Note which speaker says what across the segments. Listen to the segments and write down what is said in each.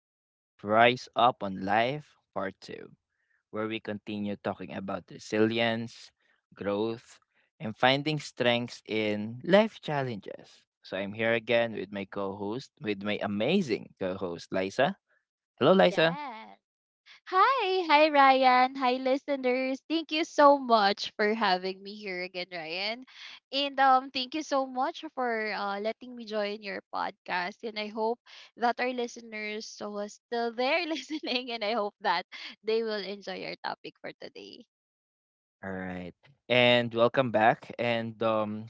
Speaker 1: This is Rise Up on Life Part 2, where we continue talking about resilience, growth, and finding strengths in life challenges. So I'm here again with my co-host, with my amazing co-host Liza. Hello Liza.
Speaker 2: Yes. Hi Ryan. Hi listeners. Thank you so much for having me here again, Ryan. And thank you so much for letting me join your podcast, and I hope that our listeners so are still there listening, and I hope that they will enjoy your topic for today.
Speaker 1: All right. And welcome back and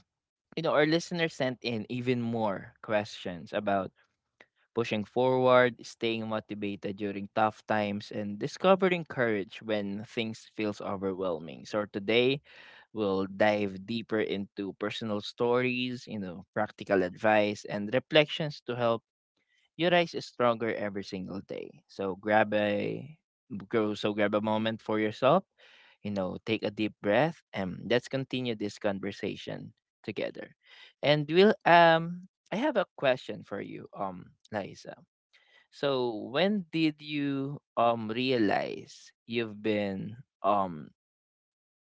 Speaker 1: our listeners sent in even more questions about pushing forward, staying motivated during tough times, and discovering courage when things feels overwhelming. So today, we'll dive deeper into personal stories, practical advice, and reflections to help you rise stronger every single day. So grab a go. So grab a
Speaker 2: Mm.
Speaker 1: moment for yourself. You know, take a deep breath, and let's continue this conversation together. And we'll I have a question for you, Liza, so when did you realize you've been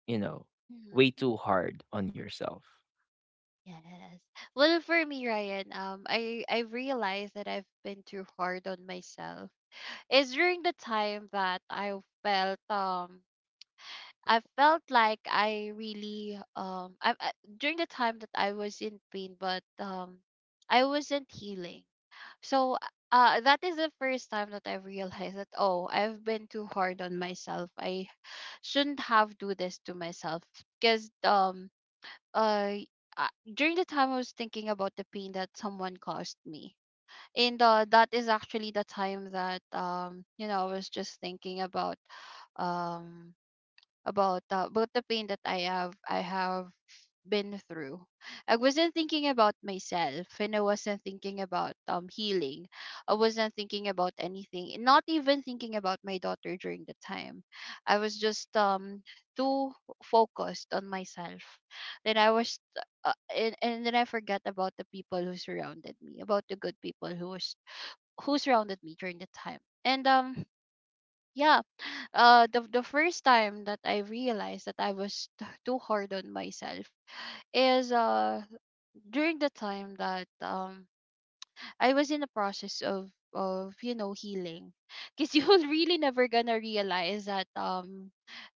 Speaker 1: you know way
Speaker 2: Mm-hmm.
Speaker 1: too hard on yourself?
Speaker 2: Yes. Well, for me, Ryan, I've realized that I've been too hard on myself. It's during the time that I felt like I really I during the time that I was in pain, but I wasn't healing. So that is the first time that I realized that, oh, I've been too hard on myself. I shouldn't have do this to myself because uh uh, during the time I was thinking about the pain that someone caused me. And that is actually the time that I was just thinking about um about the pain that I have been through. I wasn't thinking about myself, and I wasn't thinking about healing. I wasn't thinking about anything, and not even thinking about my daughter during the time. I was just too focused on myself. Then and then I forgot about the people who surrounded me, about the good people who was who surrounded me during the time. And yeah, the first time that I realized that I was too hard on myself is during the time that I was in the process of healing. Because you're really never gonna realize that um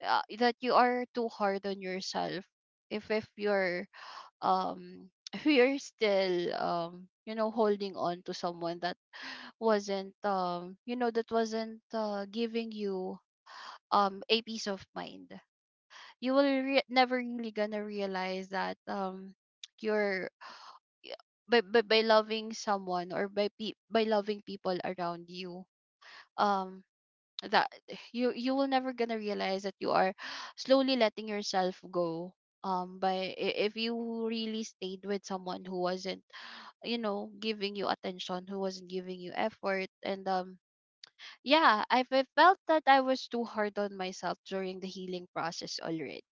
Speaker 2: uh, that you are too hard on yourself if if you're still holding on to someone that wasn't giving you a peace of mind. You will never really gonna realize that you're by loving someone, or by loving people around you, um that you will never gonna realize that you are slowly letting yourself go if you really stayed with someone who wasn't giving you attention, who wasn't giving you effort. And yeah, felt that I was too hard on myself during the healing process already.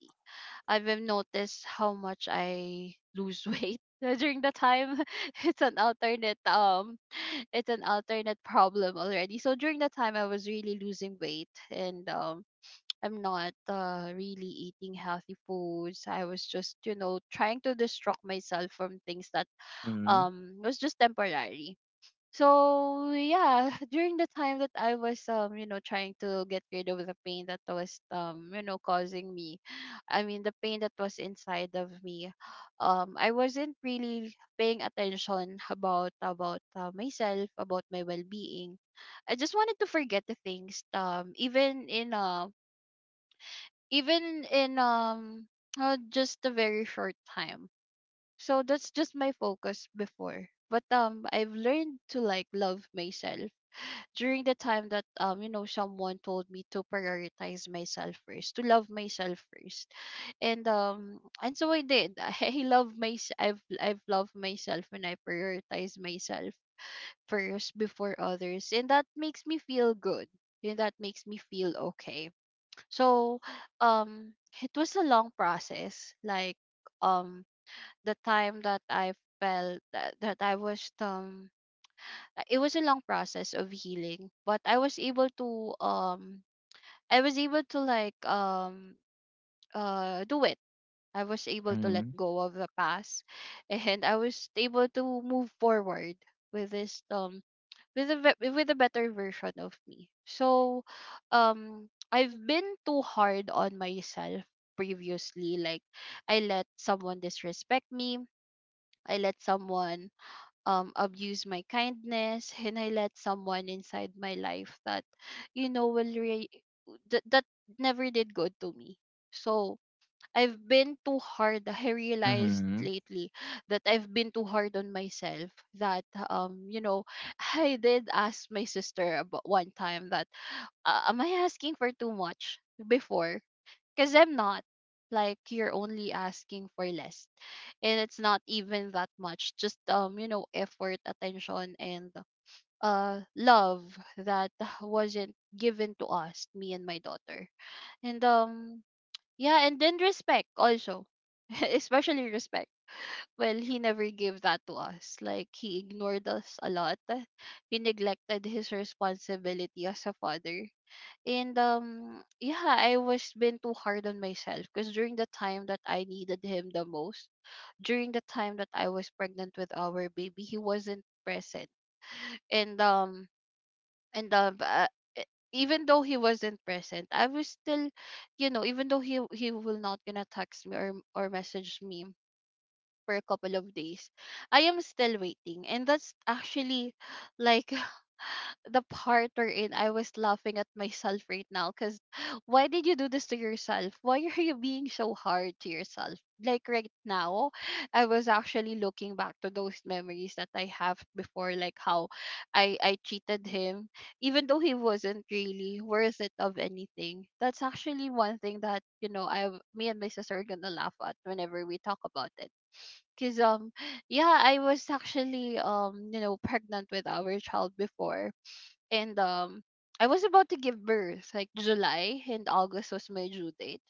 Speaker 2: I've even noticed how much I lose weight during the time. It's an alternate, it's an alternate problem already. So during the time I was really losing weight, and I'm not really eating healthy foods. I was just, trying to distract myself from things that
Speaker 1: Mm-hmm.
Speaker 2: was just temporary. So yeah, during the time that I was trying to get rid of the pain that was causing me. I mean the pain that was inside of me. I wasn't really paying attention about myself, about my well-being. I just wanted to forget the things. Even in even in um, just a very short time. So that's just my focus before. But I've learned to like love myself during the time that someone told me to prioritize myself first, to love myself first, and so I did. I've loved myself, and I prioritize myself first before others, and that makes me feel good, and that makes me feel okay. So um it was a long process. Like um the time that I felt that, that I was it was a long process of healing, but I was able to like do it. I was able to let
Speaker 1: Mm-hmm.
Speaker 2: go of the past and I was able to move forward with this with with a better version of me. So I've been too hard on myself previously. Like, I let someone disrespect me, I let someone abuse my kindness, and I let someone inside my life that you know will re- that, that never did good to me. So I've been too hard. I realized
Speaker 1: Mm-hmm.
Speaker 2: lately that I've been too hard on myself. That um, you know, I did ask my sister about one time that am I asking for too much before? Because I'm not. Like, you're only asking for less. And it's not even that much. Just effort, attention, and love that wasn't given to us, me and my daughter. And yeah, and then respect also. Especially respect. Well, he never gave that to us. Like, he ignored us a lot. He neglected his responsibility as a father. And yeah, I was been too hard on myself because during the time that I needed him the most, during the time that I was pregnant with our baby, he wasn't present. And um and um uh, e- even though he wasn't present, I was still, even though he will not gonna text me or message me for a couple of days, I am still waiting. And that's actually like the part wherein I was laughing at myself right now, because why did you do this to yourself? Why are you being so hard to yourself? Like right now, I was actually looking back to those memories that I have before, like how I cheated him, even though he wasn't really worth it of anything. That's actually one thing that, you know, I me and my sister are gonna laugh at whenever we talk about it. Cause yeah, I was actually pregnant with our child before, and I was about to give birth, like July and August was my due date.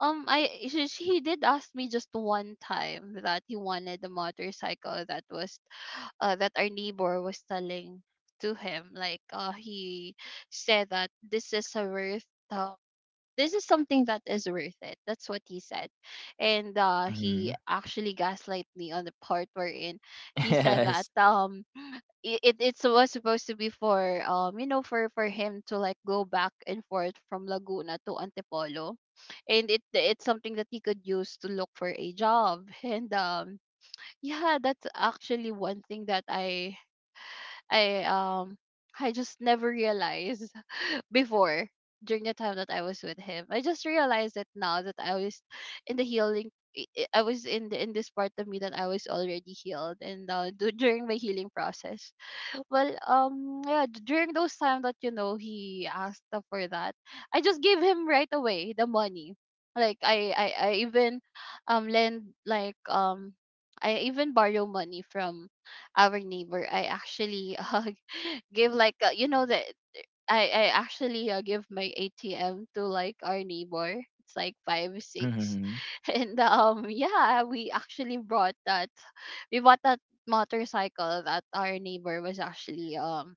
Speaker 2: He did ask me just one time that he wanted a motorcycle that was that our neighbor was telling to him, like he said that this is a worth um, this is something that is worth it. That's what he said. And
Speaker 1: hmm.
Speaker 2: he actually gaslight me on the part wherein he said that
Speaker 1: Yes.
Speaker 2: it it's was supposed to be for you know for him to like go back and forth from Laguna to Antipolo, and it's something that he could use to look for a job. And yeah, that's actually one thing that I um I just never realized before, during the time that I was with him. I just realized it now that I was in the healing, I was in the in this part of me that I was already healed, and during my healing process. Well, yeah, during those time that he asked up for that, I just gave him right away the money. Like, I even um lend like um borrow money from our neighbor. I actually give like that I actually give my ATM to like our neighbor. It's like five
Speaker 1: Mm-hmm.
Speaker 2: six, and yeah, we actually brought that. We bought that motorcycle that our neighbor was actually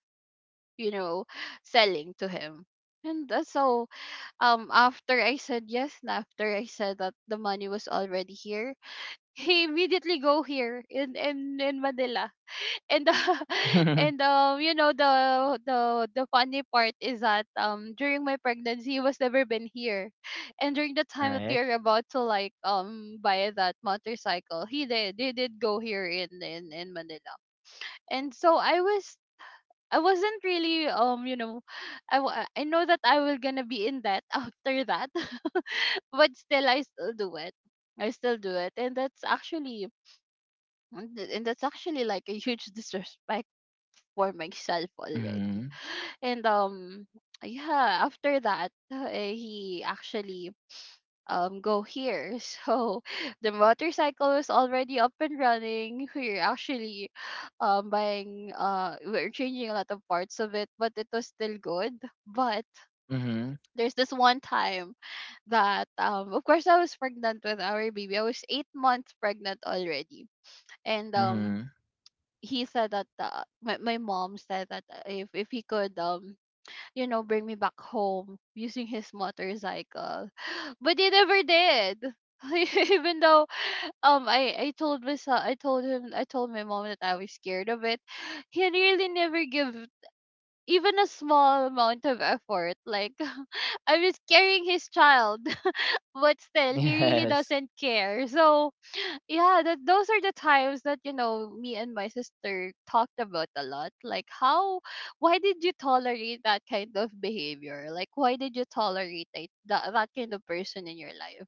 Speaker 2: you know selling to him. And so after I said yes, and after I said that the money was already here, he immediately go here in in Manila and and the funny part is that during my pregnancy he was never been here. And during the time that
Speaker 1: right.
Speaker 2: we are about to like buy that motorcycle, he did go here in in Manila. And so I wasn't really I know that I will gonna be in debt after that. But still, I still do it, I still do it. And that's actually, and th- and that's actually like a huge disrespect for myself
Speaker 1: Mm-hmm.
Speaker 2: already. And yeah, after that, he actually go here. So the motorcycle is already up and running. We're actually buying we're changing a lot of parts of it, but it was still good. But
Speaker 1: Mm-hmm.
Speaker 2: there's this one time that of course I was pregnant with our baby. I was 8 months pregnant already. And
Speaker 1: Mm-hmm.
Speaker 2: he said that my mom said that if he could bring me back home using his motorcycle. But he never did. Even though I told myself, I told him, I told my mom that I was scared of it, he really never give even a small amount of effort. Like I was carrying his child, but still he really
Speaker 1: Yes.
Speaker 2: doesn't care. That those are the times that you know me and my sister talked about a lot, like how, why did you tolerate that kind of behavior, like why did you tolerate that kind of person in your life?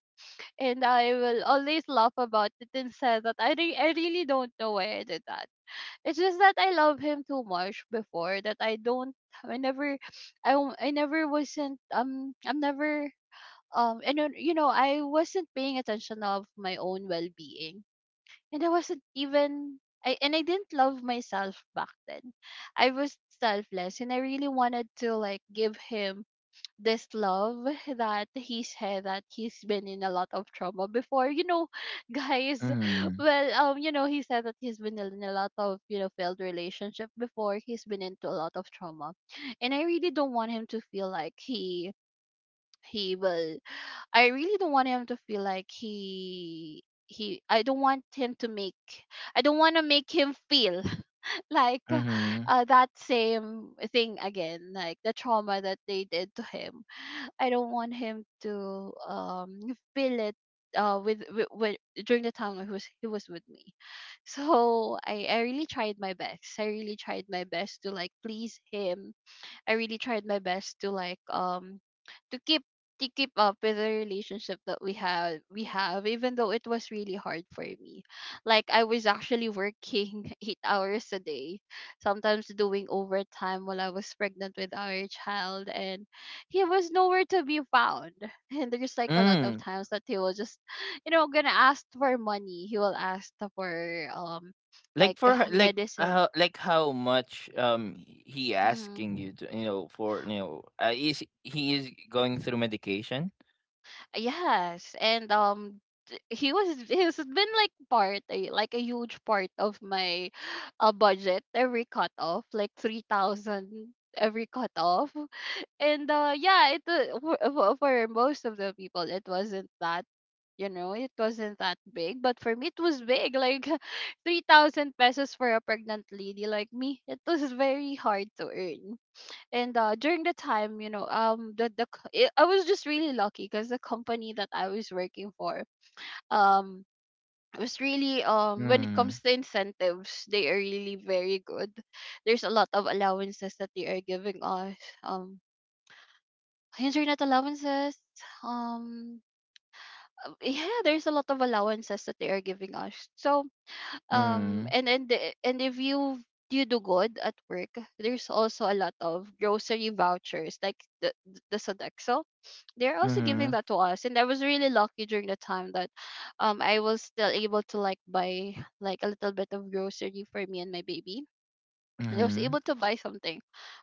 Speaker 2: And I will always laugh about it and say that I really don't know why I did that. It's just that I love him too much before that I don't, I never, I, w- I never wasn't I'm never and then, you know I wasn't paying attention of my own well-being. And I wasn't even, I didn't love myself back then. I was selfless and I really wanted to like give him this love, that he said that he's been in a lot of trauma before. You know, guys,
Speaker 1: Mm-hmm.
Speaker 2: you know, he said that he's been in a lot of, you know, failed relationship before. He's been into a lot of trauma. And I really don't want him to feel like he will I really don't want him to feel like he I don't want him to make, I don't want to make him feel like
Speaker 1: Mm-hmm.
Speaker 2: that same thing again, like the trauma that they did to him. I don't want him to feel it with during the time he was with me. So I really tried my best. I really tried my best to like please him. I really tried my best to like to keep, to keep up with the relationship that we have, even though it was really hard for me. Like I was actually working 8 hours a day, sometimes doing overtime while I was pregnant with our child. And he was nowhere to be found. And there's like a lot of
Speaker 1: Mm.
Speaker 2: times that he will just, you know, gonna ask for money. He will ask for, um
Speaker 1: Like
Speaker 2: like,
Speaker 1: like
Speaker 2: medicine.
Speaker 1: how, like how much he asking
Speaker 2: Hmm.
Speaker 1: you to, you know for you know is he is going through medication?
Speaker 2: Yes, and he's been like like a huge part of my budget, every cut off, like 3,000 every cut off. And yeah, it for, for most of the people it wasn't that, you know, it wasn't that big, but for me it was big. Like 3000 pesos for a pregnant lady like me, it was very hard to earn. And during the time, you know, the c- I was just really lucky because the company that I was working for um was really when it comes to incentives, they are really very good. There's a lot of allowances that they are giving us, um internet allowances, um yeah, there's a lot of allowances that they are giving us. So
Speaker 1: Mhm.
Speaker 2: and the- and if you, you do good at work, there's also a lot of grocery vouchers, like the Sodexo. They're also giving
Speaker 1: Mhm.
Speaker 2: that to us. And I was really lucky during the time that I was still able to like buy, like a little bit of grocery for me and my baby. And I was
Speaker 1: Mhm.
Speaker 2: able to buy something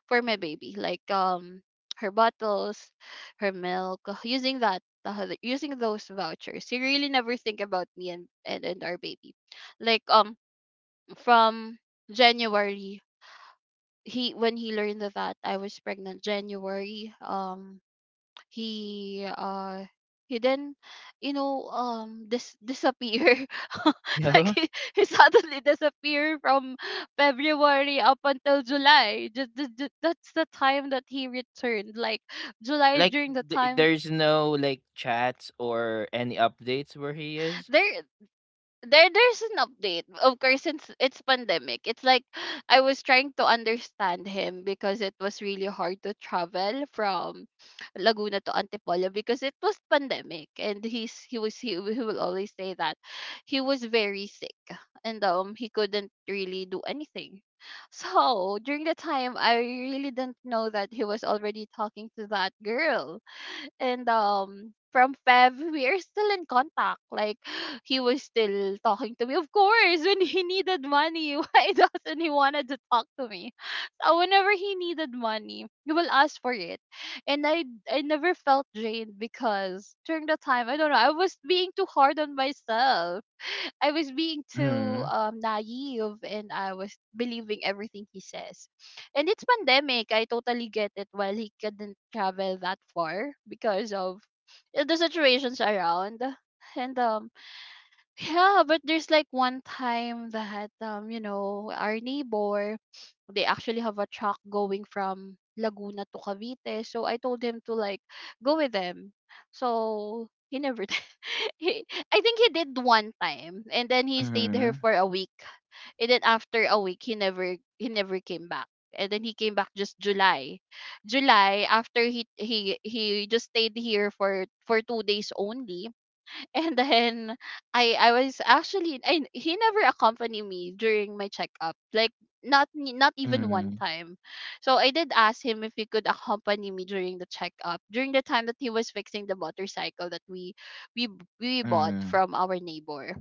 Speaker 2: for my baby like, her bottles, her milk, using that, using those vouchers. You really never think about me and, and our baby. Like, from January, he, when he learned that I was pregnant, January, he uh he then you know, disappear. Like
Speaker 1: Yeah.
Speaker 2: he suddenly disappear from February up until July. Just that's the time that he returned, like July,
Speaker 1: Like
Speaker 2: during the time.
Speaker 1: there's no like chats or any updates where he is.
Speaker 2: there there's an update, of course, since it's pandemic. It's like I was trying to understand him because it was really hard to travel from Laguna to Antipolo because it was pandemic. And he will always say that he was very sick and he couldn't really do anything. So during the time, I really didn't know that he was already talking to that girl. And from Feb, we are still in contact. Like he was still talking to me. Of course, when he needed money, why doesn't he wanted to talk to me? So whenever he needed money, he will ask for it. And I never felt drained because during the time, I don't know, I was being too hard on myself. I was being too
Speaker 1: Mhm.
Speaker 2: naive, and I was believing everything he says. And it's pandemic, I totally get it. While he couldn't travel that far because of the situations around, and. Yeah, but there's like one time that, you know, our neighbor, they actually have a truck going from Laguna to Cavite. So I told him to like go with them. So he never did. he, I think he did one time and then he stayed there
Speaker 1: Mhm.
Speaker 2: for a week. And then after a week, he never came back. And then he came back just July. July, after he just stayed here for 2 days only. And then I was actually I, he never accompanied me during my checkup. Like not even one
Speaker 1: Mhm.
Speaker 2: time. So I did ask him if he could accompany me during the checkup, during the time that he was fixing the motorcycle that we bought
Speaker 1: Mhm.
Speaker 2: from our neighbor.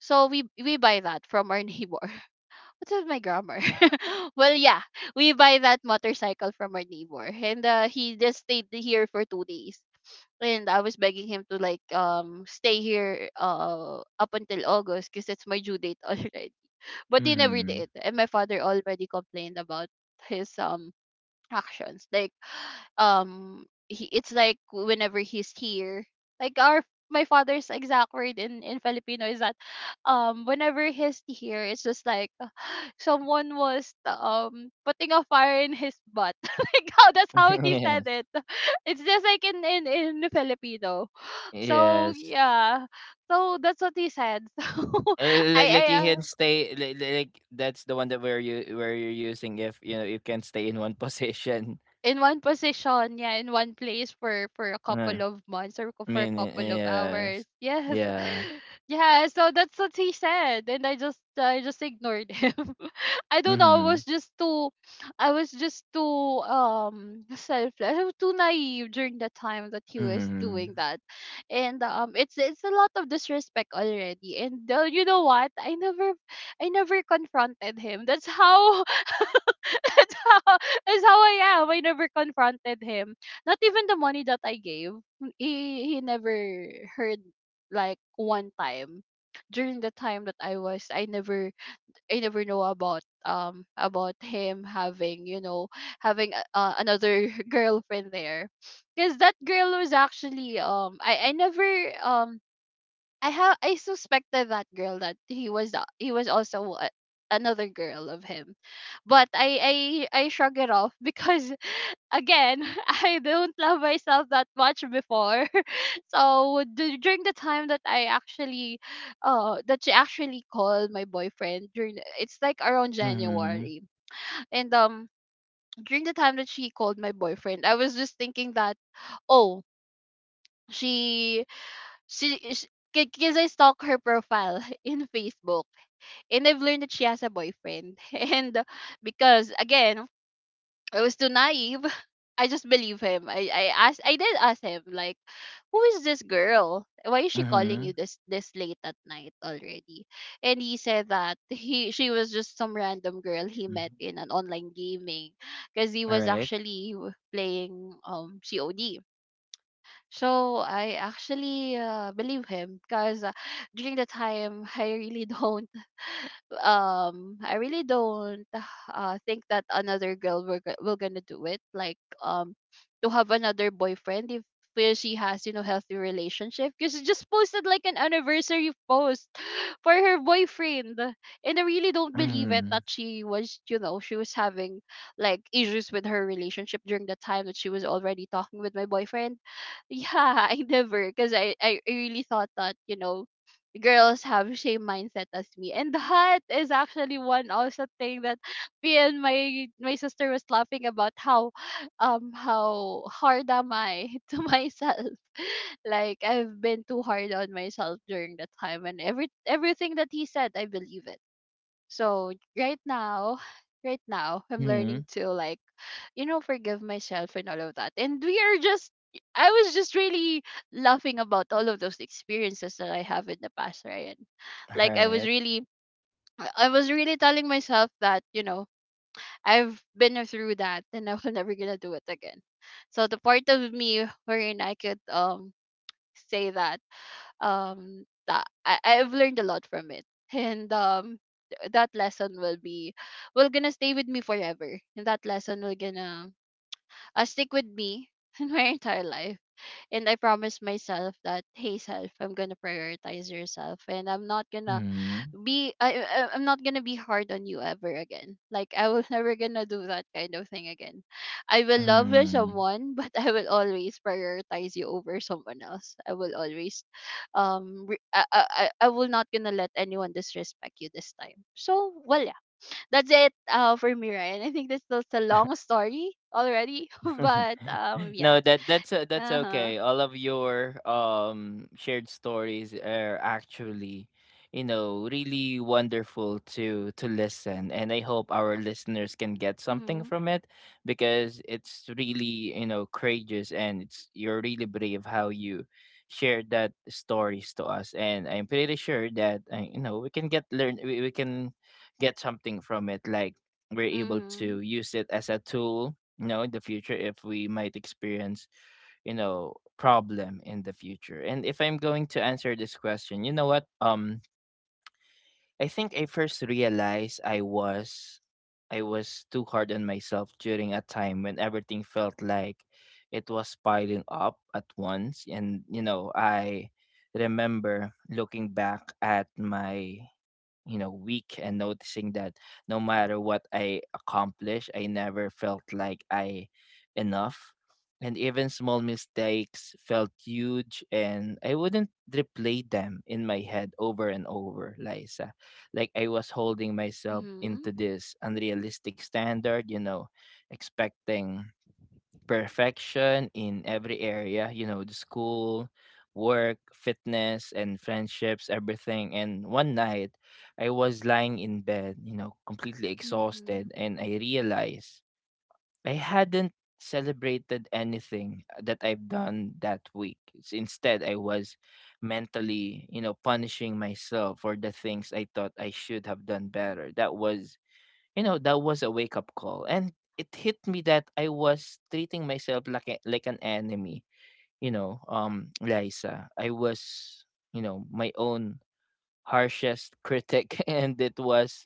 Speaker 2: So we buy that from our neighbor. What's with my grammar? Well, yeah, we buy that motorcycle from our neighbor. And he just stayed here for 2 days. And I was begging him to like stay here up until August because that's my due date already. But he never
Speaker 1: Mhm.
Speaker 2: did. And my father already complained about his actions. Like, he, it's like whenever he's here, like our, my father's exact word in Filipino is that, whenever he's here, it's just like someone was putting a fire in his butt. Like how, that's how he said
Speaker 1: yes.
Speaker 2: it. It's just like in Filipino. So
Speaker 1: Yes.
Speaker 2: yeah, so that's what he said. So
Speaker 1: Uh, Like
Speaker 2: I
Speaker 1: like he can stay, like that's the one that where you're using if you know you can stay in one position.
Speaker 2: in one position, yeah, in one place for a
Speaker 1: Uh,
Speaker 2: couple of months,
Speaker 1: I
Speaker 2: for a
Speaker 1: mean y-
Speaker 2: couple of hours.
Speaker 1: yes.
Speaker 2: Yes,
Speaker 1: Yeah.
Speaker 2: yeah. So that's what he said, and I just ignored him. I don't know. I was
Speaker 1: Mhm.
Speaker 2: just too, I was just too selfless. I was too naive during the time that he was doing
Speaker 1: Mhm.
Speaker 2: that. And it's a lot of disrespect already. And you know what? I never, I never confronted him. That's how, that's how, that's how I am. I never confronted him. Not even the money that I gave. He never heard, like one time, during the time that I never, I never know about him having, you know, having another girlfriend there. Because that girl was actually I never, um I suspected that girl that he was also another girl of him. But I shrug it off because again, I don't love myself that much before. So during the time that I actually, that she actually called my boyfriend during the, it's like around
Speaker 1: Mhm.
Speaker 2: January. And during the time that she called my boyfriend, I was just thinking that, oh, she she, because I stalk her profile in Facebook and I've learned that she has a boyfriend. And because again, I was too naive. I just believe him. I did ask him like, who is this girl? Why is she calling you
Speaker 1: Mhm.
Speaker 2: this late at night already? And he said that he she was just some random girl he met in an online gaming, because he
Speaker 1: All
Speaker 2: was
Speaker 1: right.
Speaker 2: actually playing COD. So I actually believe him because, during the time, I really don't I really don't think that another girl will gonna do it, like to have another boyfriend if he or she has, you know, healthy relationship, because she just posted like an anniversary post for her boyfriend. And I really don't believe it
Speaker 1: Mhm.
Speaker 2: that she was, you know, she was having like issues with her relationship during the time that she was already talking with my boyfriend. Yeah, I never, because I really thought that, you know, girls have same mindset as me. And that is actually one also thing that me and my sister was laughing about, how hard am I to myself. Like I've been too hard on myself during that time, and everything that he said, I believe it. So right now, right now, I'm learning
Speaker 1: Mhm.
Speaker 2: to like, you know, forgive myself and all of that. And we are just, I was just really laughing about all of those experiences that I have in the past, Ryan. Like I was
Speaker 1: Hurt.
Speaker 2: really, I was really telling myself that, you know, I've been through that and I'm never gonna do it again. So the part of me wherein I could say that that I've learned a lot from it. And that lesson will be, will gonna stay with me forever. And that lesson will gonna stick with me in my entire life. And I promised myself that, hey self, I'm gonna prioritize yourself and I'm not gonna
Speaker 1: Mhm.
Speaker 2: be I'm not gonna be hard on you ever again. Like I will never gonna do that kind of thing again. I will love you
Speaker 1: Mm.
Speaker 2: someone, but I will always prioritize you over someone else. I will always, um, re- I, I I will not gonna let anyone disrespect you this time. So well, yeah, that's it. For me, Ryan, I think this was a long story already, but yeah.
Speaker 1: No, that's that's
Speaker 2: Uh huh.
Speaker 1: okay. All of your shared stories are actually, really wonderful to listen, and I hope our listeners can get something
Speaker 2: Mhm.
Speaker 1: from it because it's really courageous and it's you're really brave how you shared that stories to us, and I'm pretty sure that we can we can get something from it like. We're able
Speaker 2: Mhm.
Speaker 1: to use it as a tool in the future if we might experience problem in the future. And if I'm going to answer this question, you know what I think I first realized I was, I was too hard on myself during a time when everything felt like it was piling up at once. And I remember looking back at my, weak, and noticing that no matter what I accomplish, I never felt like I enough. And even small mistakes felt huge, and I wouldn't replay them in my head over and over, Lisa. Like, I was holding myself
Speaker 2: Mhm.
Speaker 1: into this unrealistic standard, you know, expecting perfection in every area, you know, the school, work, fitness, and friendships, everything. And one night, I was lying in bed, you know, completely
Speaker 2: Mhm.
Speaker 1: exhausted, and I realized I hadn't celebrated anything that I've done that week. Instead, I was mentally, you know, punishing myself for the things I thought I should have done better. That was a wake up call, and it hit me that I was treating myself like like an enemy. Liza, I was, my own harshest critic, and it was,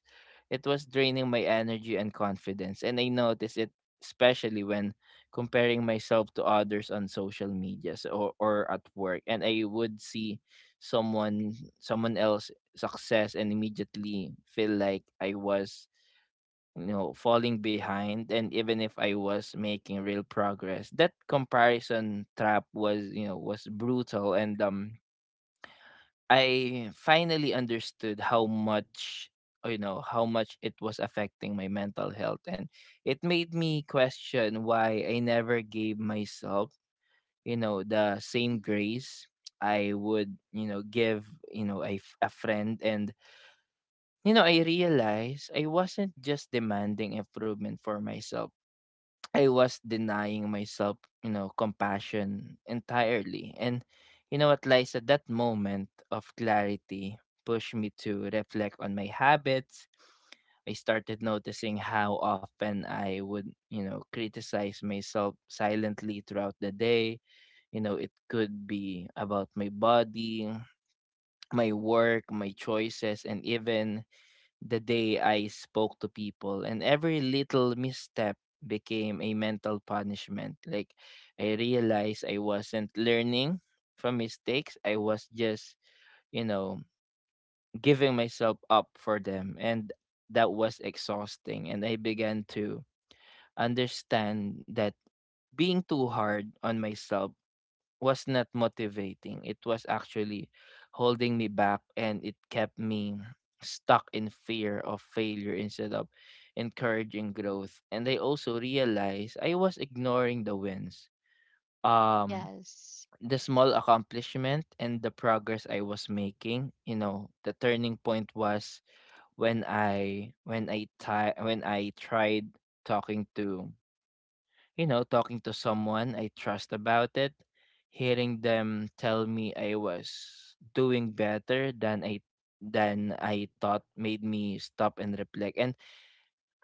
Speaker 1: it was draining my energy and confidence. And I noticed it, especially when comparing myself to others on social medias, or at work. And I would see someone else success and immediately feel like I was, falling behind. And even if I was making real progress, that comparison trap was, was brutal. And I finally understood how much, how much it was affecting my mental health. And it made me question why I never gave myself, the same
Speaker 2: Mhm.
Speaker 1: grace I would, give, a friend. And, you know, I realized I wasn't just demanding improvement for myself. I was denying myself, you know, compassion entirely. And you know what, Liza, that moment of clarity pushed me to reflect on my habits. I started noticing how often I would, you know, criticize myself silently throughout the day. You know, it could be about my body, my work, my choices, and even the day I spoke to people. And every little misstep became a mental punishment. Like, I realized I wasn't learning from mistakes, I was just, you know, giving myself up for them. And that was exhausting. And I began to understand that being too hard on myself was not motivating. It was actually holding me back, and it kept me stuck in fear of failure instead of encouraging growth. And I also realized I was ignoring the wins. Um
Speaker 2: Yes.
Speaker 1: the small accomplishment and the progress I was making. You know, the turning point was when I tried talking to, talking to someone I trust about it. Hearing them tell me I was doing better than I thought made me stop and reflect. And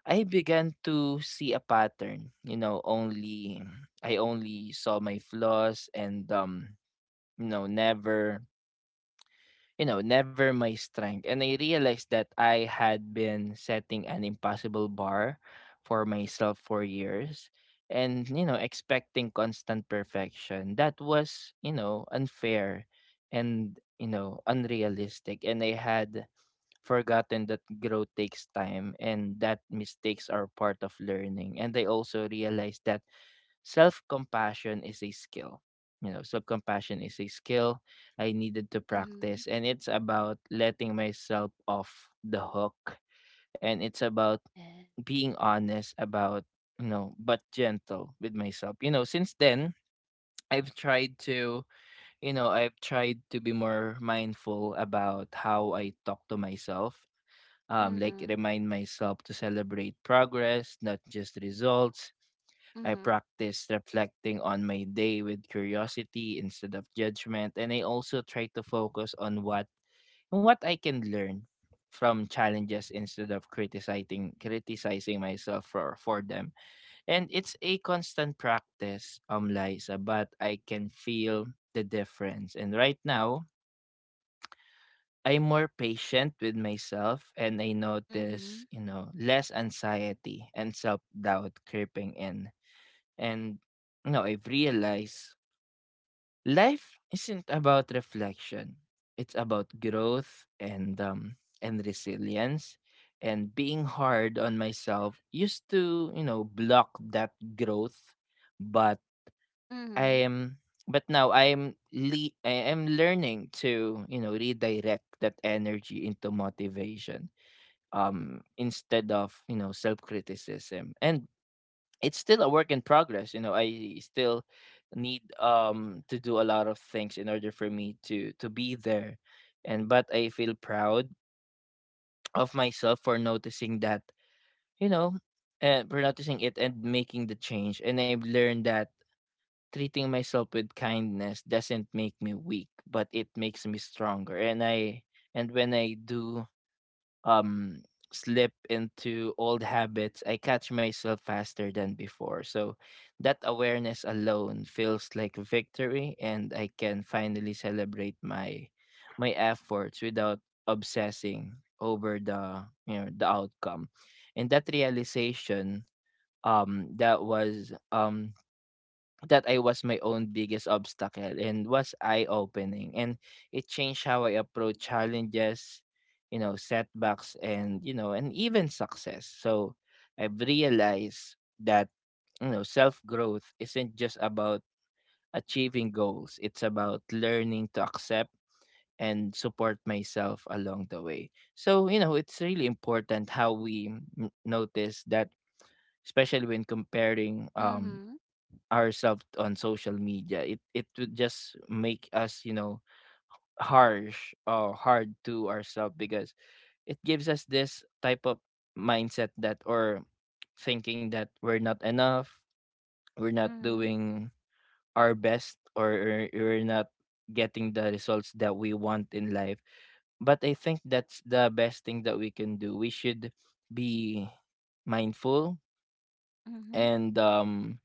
Speaker 1: I began to see a pattern. You know, only I only saw my flaws and, never, you know, never my strength. And I realized that I had been setting an impossible bar for myself for years, and, you know, expecting constant perfection. That was, you know, unfair and, you know, unrealistic. And I had forgotten that growth takes time and that mistakes are part of learning. And I also realized that self-compassion is a skill. You know, self-compassion is a skill I needed to
Speaker 2: Mhm.
Speaker 1: practice, and it's about letting myself off the hook, and it's about
Speaker 2: Yeah.
Speaker 1: being honest about, you know, but gentle with myself. You know, since then, I've tried to, I've tried to be more mindful about how I talk to myself. Like,
Speaker 2: Mhm.
Speaker 1: remind myself to celebrate progress, not just results. I
Speaker 2: Mhm.
Speaker 1: practice reflecting on my day with curiosity instead of judgment, and I also try to focus on what I can learn from challenges instead of criticizing myself for them. And it's a constant practice, Liza, but I can feel the difference. And right now, I'm more patient with myself, and I
Speaker 2: Mhm.
Speaker 1: notice, you know, less anxiety and self doubt creeping in. And you know, I've realized life isn't about reflection. It's about growth and resilience. And being hard on myself used to, you know, block that growth. but
Speaker 2: Mhm.
Speaker 1: I am but now I am I am learning to, you know, redirect that energy into motivation instead of, you know, self-criticism. And it's still a work in progress. You know, I still need to do a lot of things in order for me to be there. And but I feel proud of myself for noticing that, you know and for noticing it and making the change. And I've learned that treating myself with kindness doesn't make me weak, but it makes me stronger. And when I do um slip into old habits, I catch myself faster than before. So that awareness alone feels like victory, and I can finally celebrate my efforts without obsessing over the, the outcome. And that realization, um that was um that I was my own biggest obstacle, and was eye opening. And it changed how I approach challenges, you know, setbacks, and, you know, and even success. So I've realized that, you know, self growth isn't just about achieving goals, it's about learning to accept and support myself along the way. So, you know, it's really important how we, notice that, especially when comparing,
Speaker 2: Mhm.
Speaker 1: ourselves on social media. It would just make us, you know, harsh or hard to ourselves, because it gives us this type of mindset that or thinking that we're not enough, we're not
Speaker 2: Mhm.
Speaker 1: doing our best, or we're not getting the results that we want in life. But I think that's the best thing that we can do. We should be mindful,
Speaker 2: Mhm.
Speaker 1: and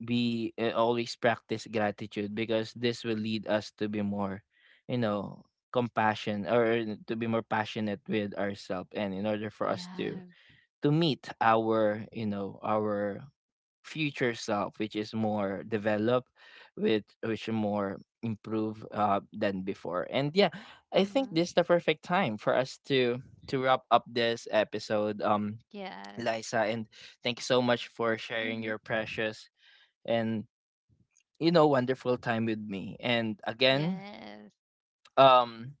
Speaker 1: we always practice gratitude, because this will lead us to be more, you know, compassion or to be more passionate with ourselves, and in order for us to,
Speaker 2: Yeah.
Speaker 1: meet our, our future self, which is more developed, with which more improved, than before. And yeah, I think
Speaker 2: Mhm.
Speaker 1: this is the perfect time for us to wrap up this episode,
Speaker 2: Yes.
Speaker 1: Liza. And thank you so much for sharing your
Speaker 2: Mhm.
Speaker 1: precious and, you know, wonderful time with me. And again,
Speaker 2: Yes.
Speaker 1: um,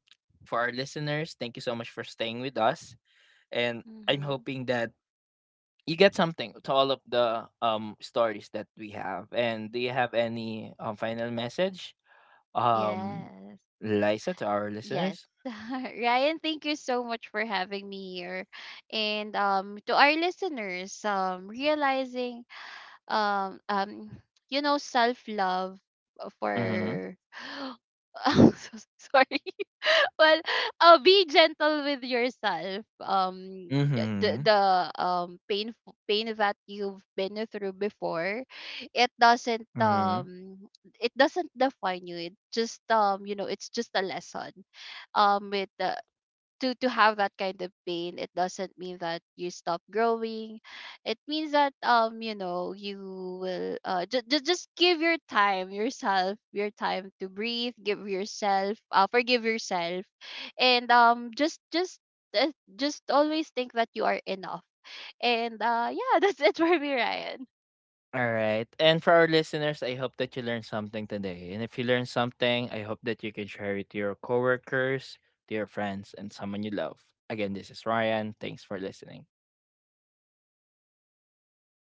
Speaker 1: for our listeners, thank you so much for staying with us. And I'm
Speaker 2: Mhm.
Speaker 1: hoping that you get something to all of the stories that we have. And do you have any final message, um,
Speaker 2: Yes.
Speaker 1: Liza, to our
Speaker 2: Yes.
Speaker 1: listeners?
Speaker 2: Ryan, thank you so much for having me here. And to our listeners, realizing um um you know, self-love
Speaker 1: Mm-hmm.
Speaker 2: for I'm so sorry, well, be gentle with yourself. The
Speaker 1: Mm-hmm.
Speaker 2: the um pain pain that you've been through before, it doesn't um it doesn't define you. It just, you know, it's just a lesson. With the To have that kind of pain, it doesn't mean that you stop growing. It means that, you know, you will just give your time, yourself your time to breathe. Give yourself, forgive yourself. And just, uh, just always think that you are enough. And yeah, that's it for me, Ryan.
Speaker 1: Alright, and for our listeners, I hope that you learned something today. And if you learned something, I hope that you can share it to your coworkers, to your friends, and someone you love. Again, this is Ryan. Thanks for listening.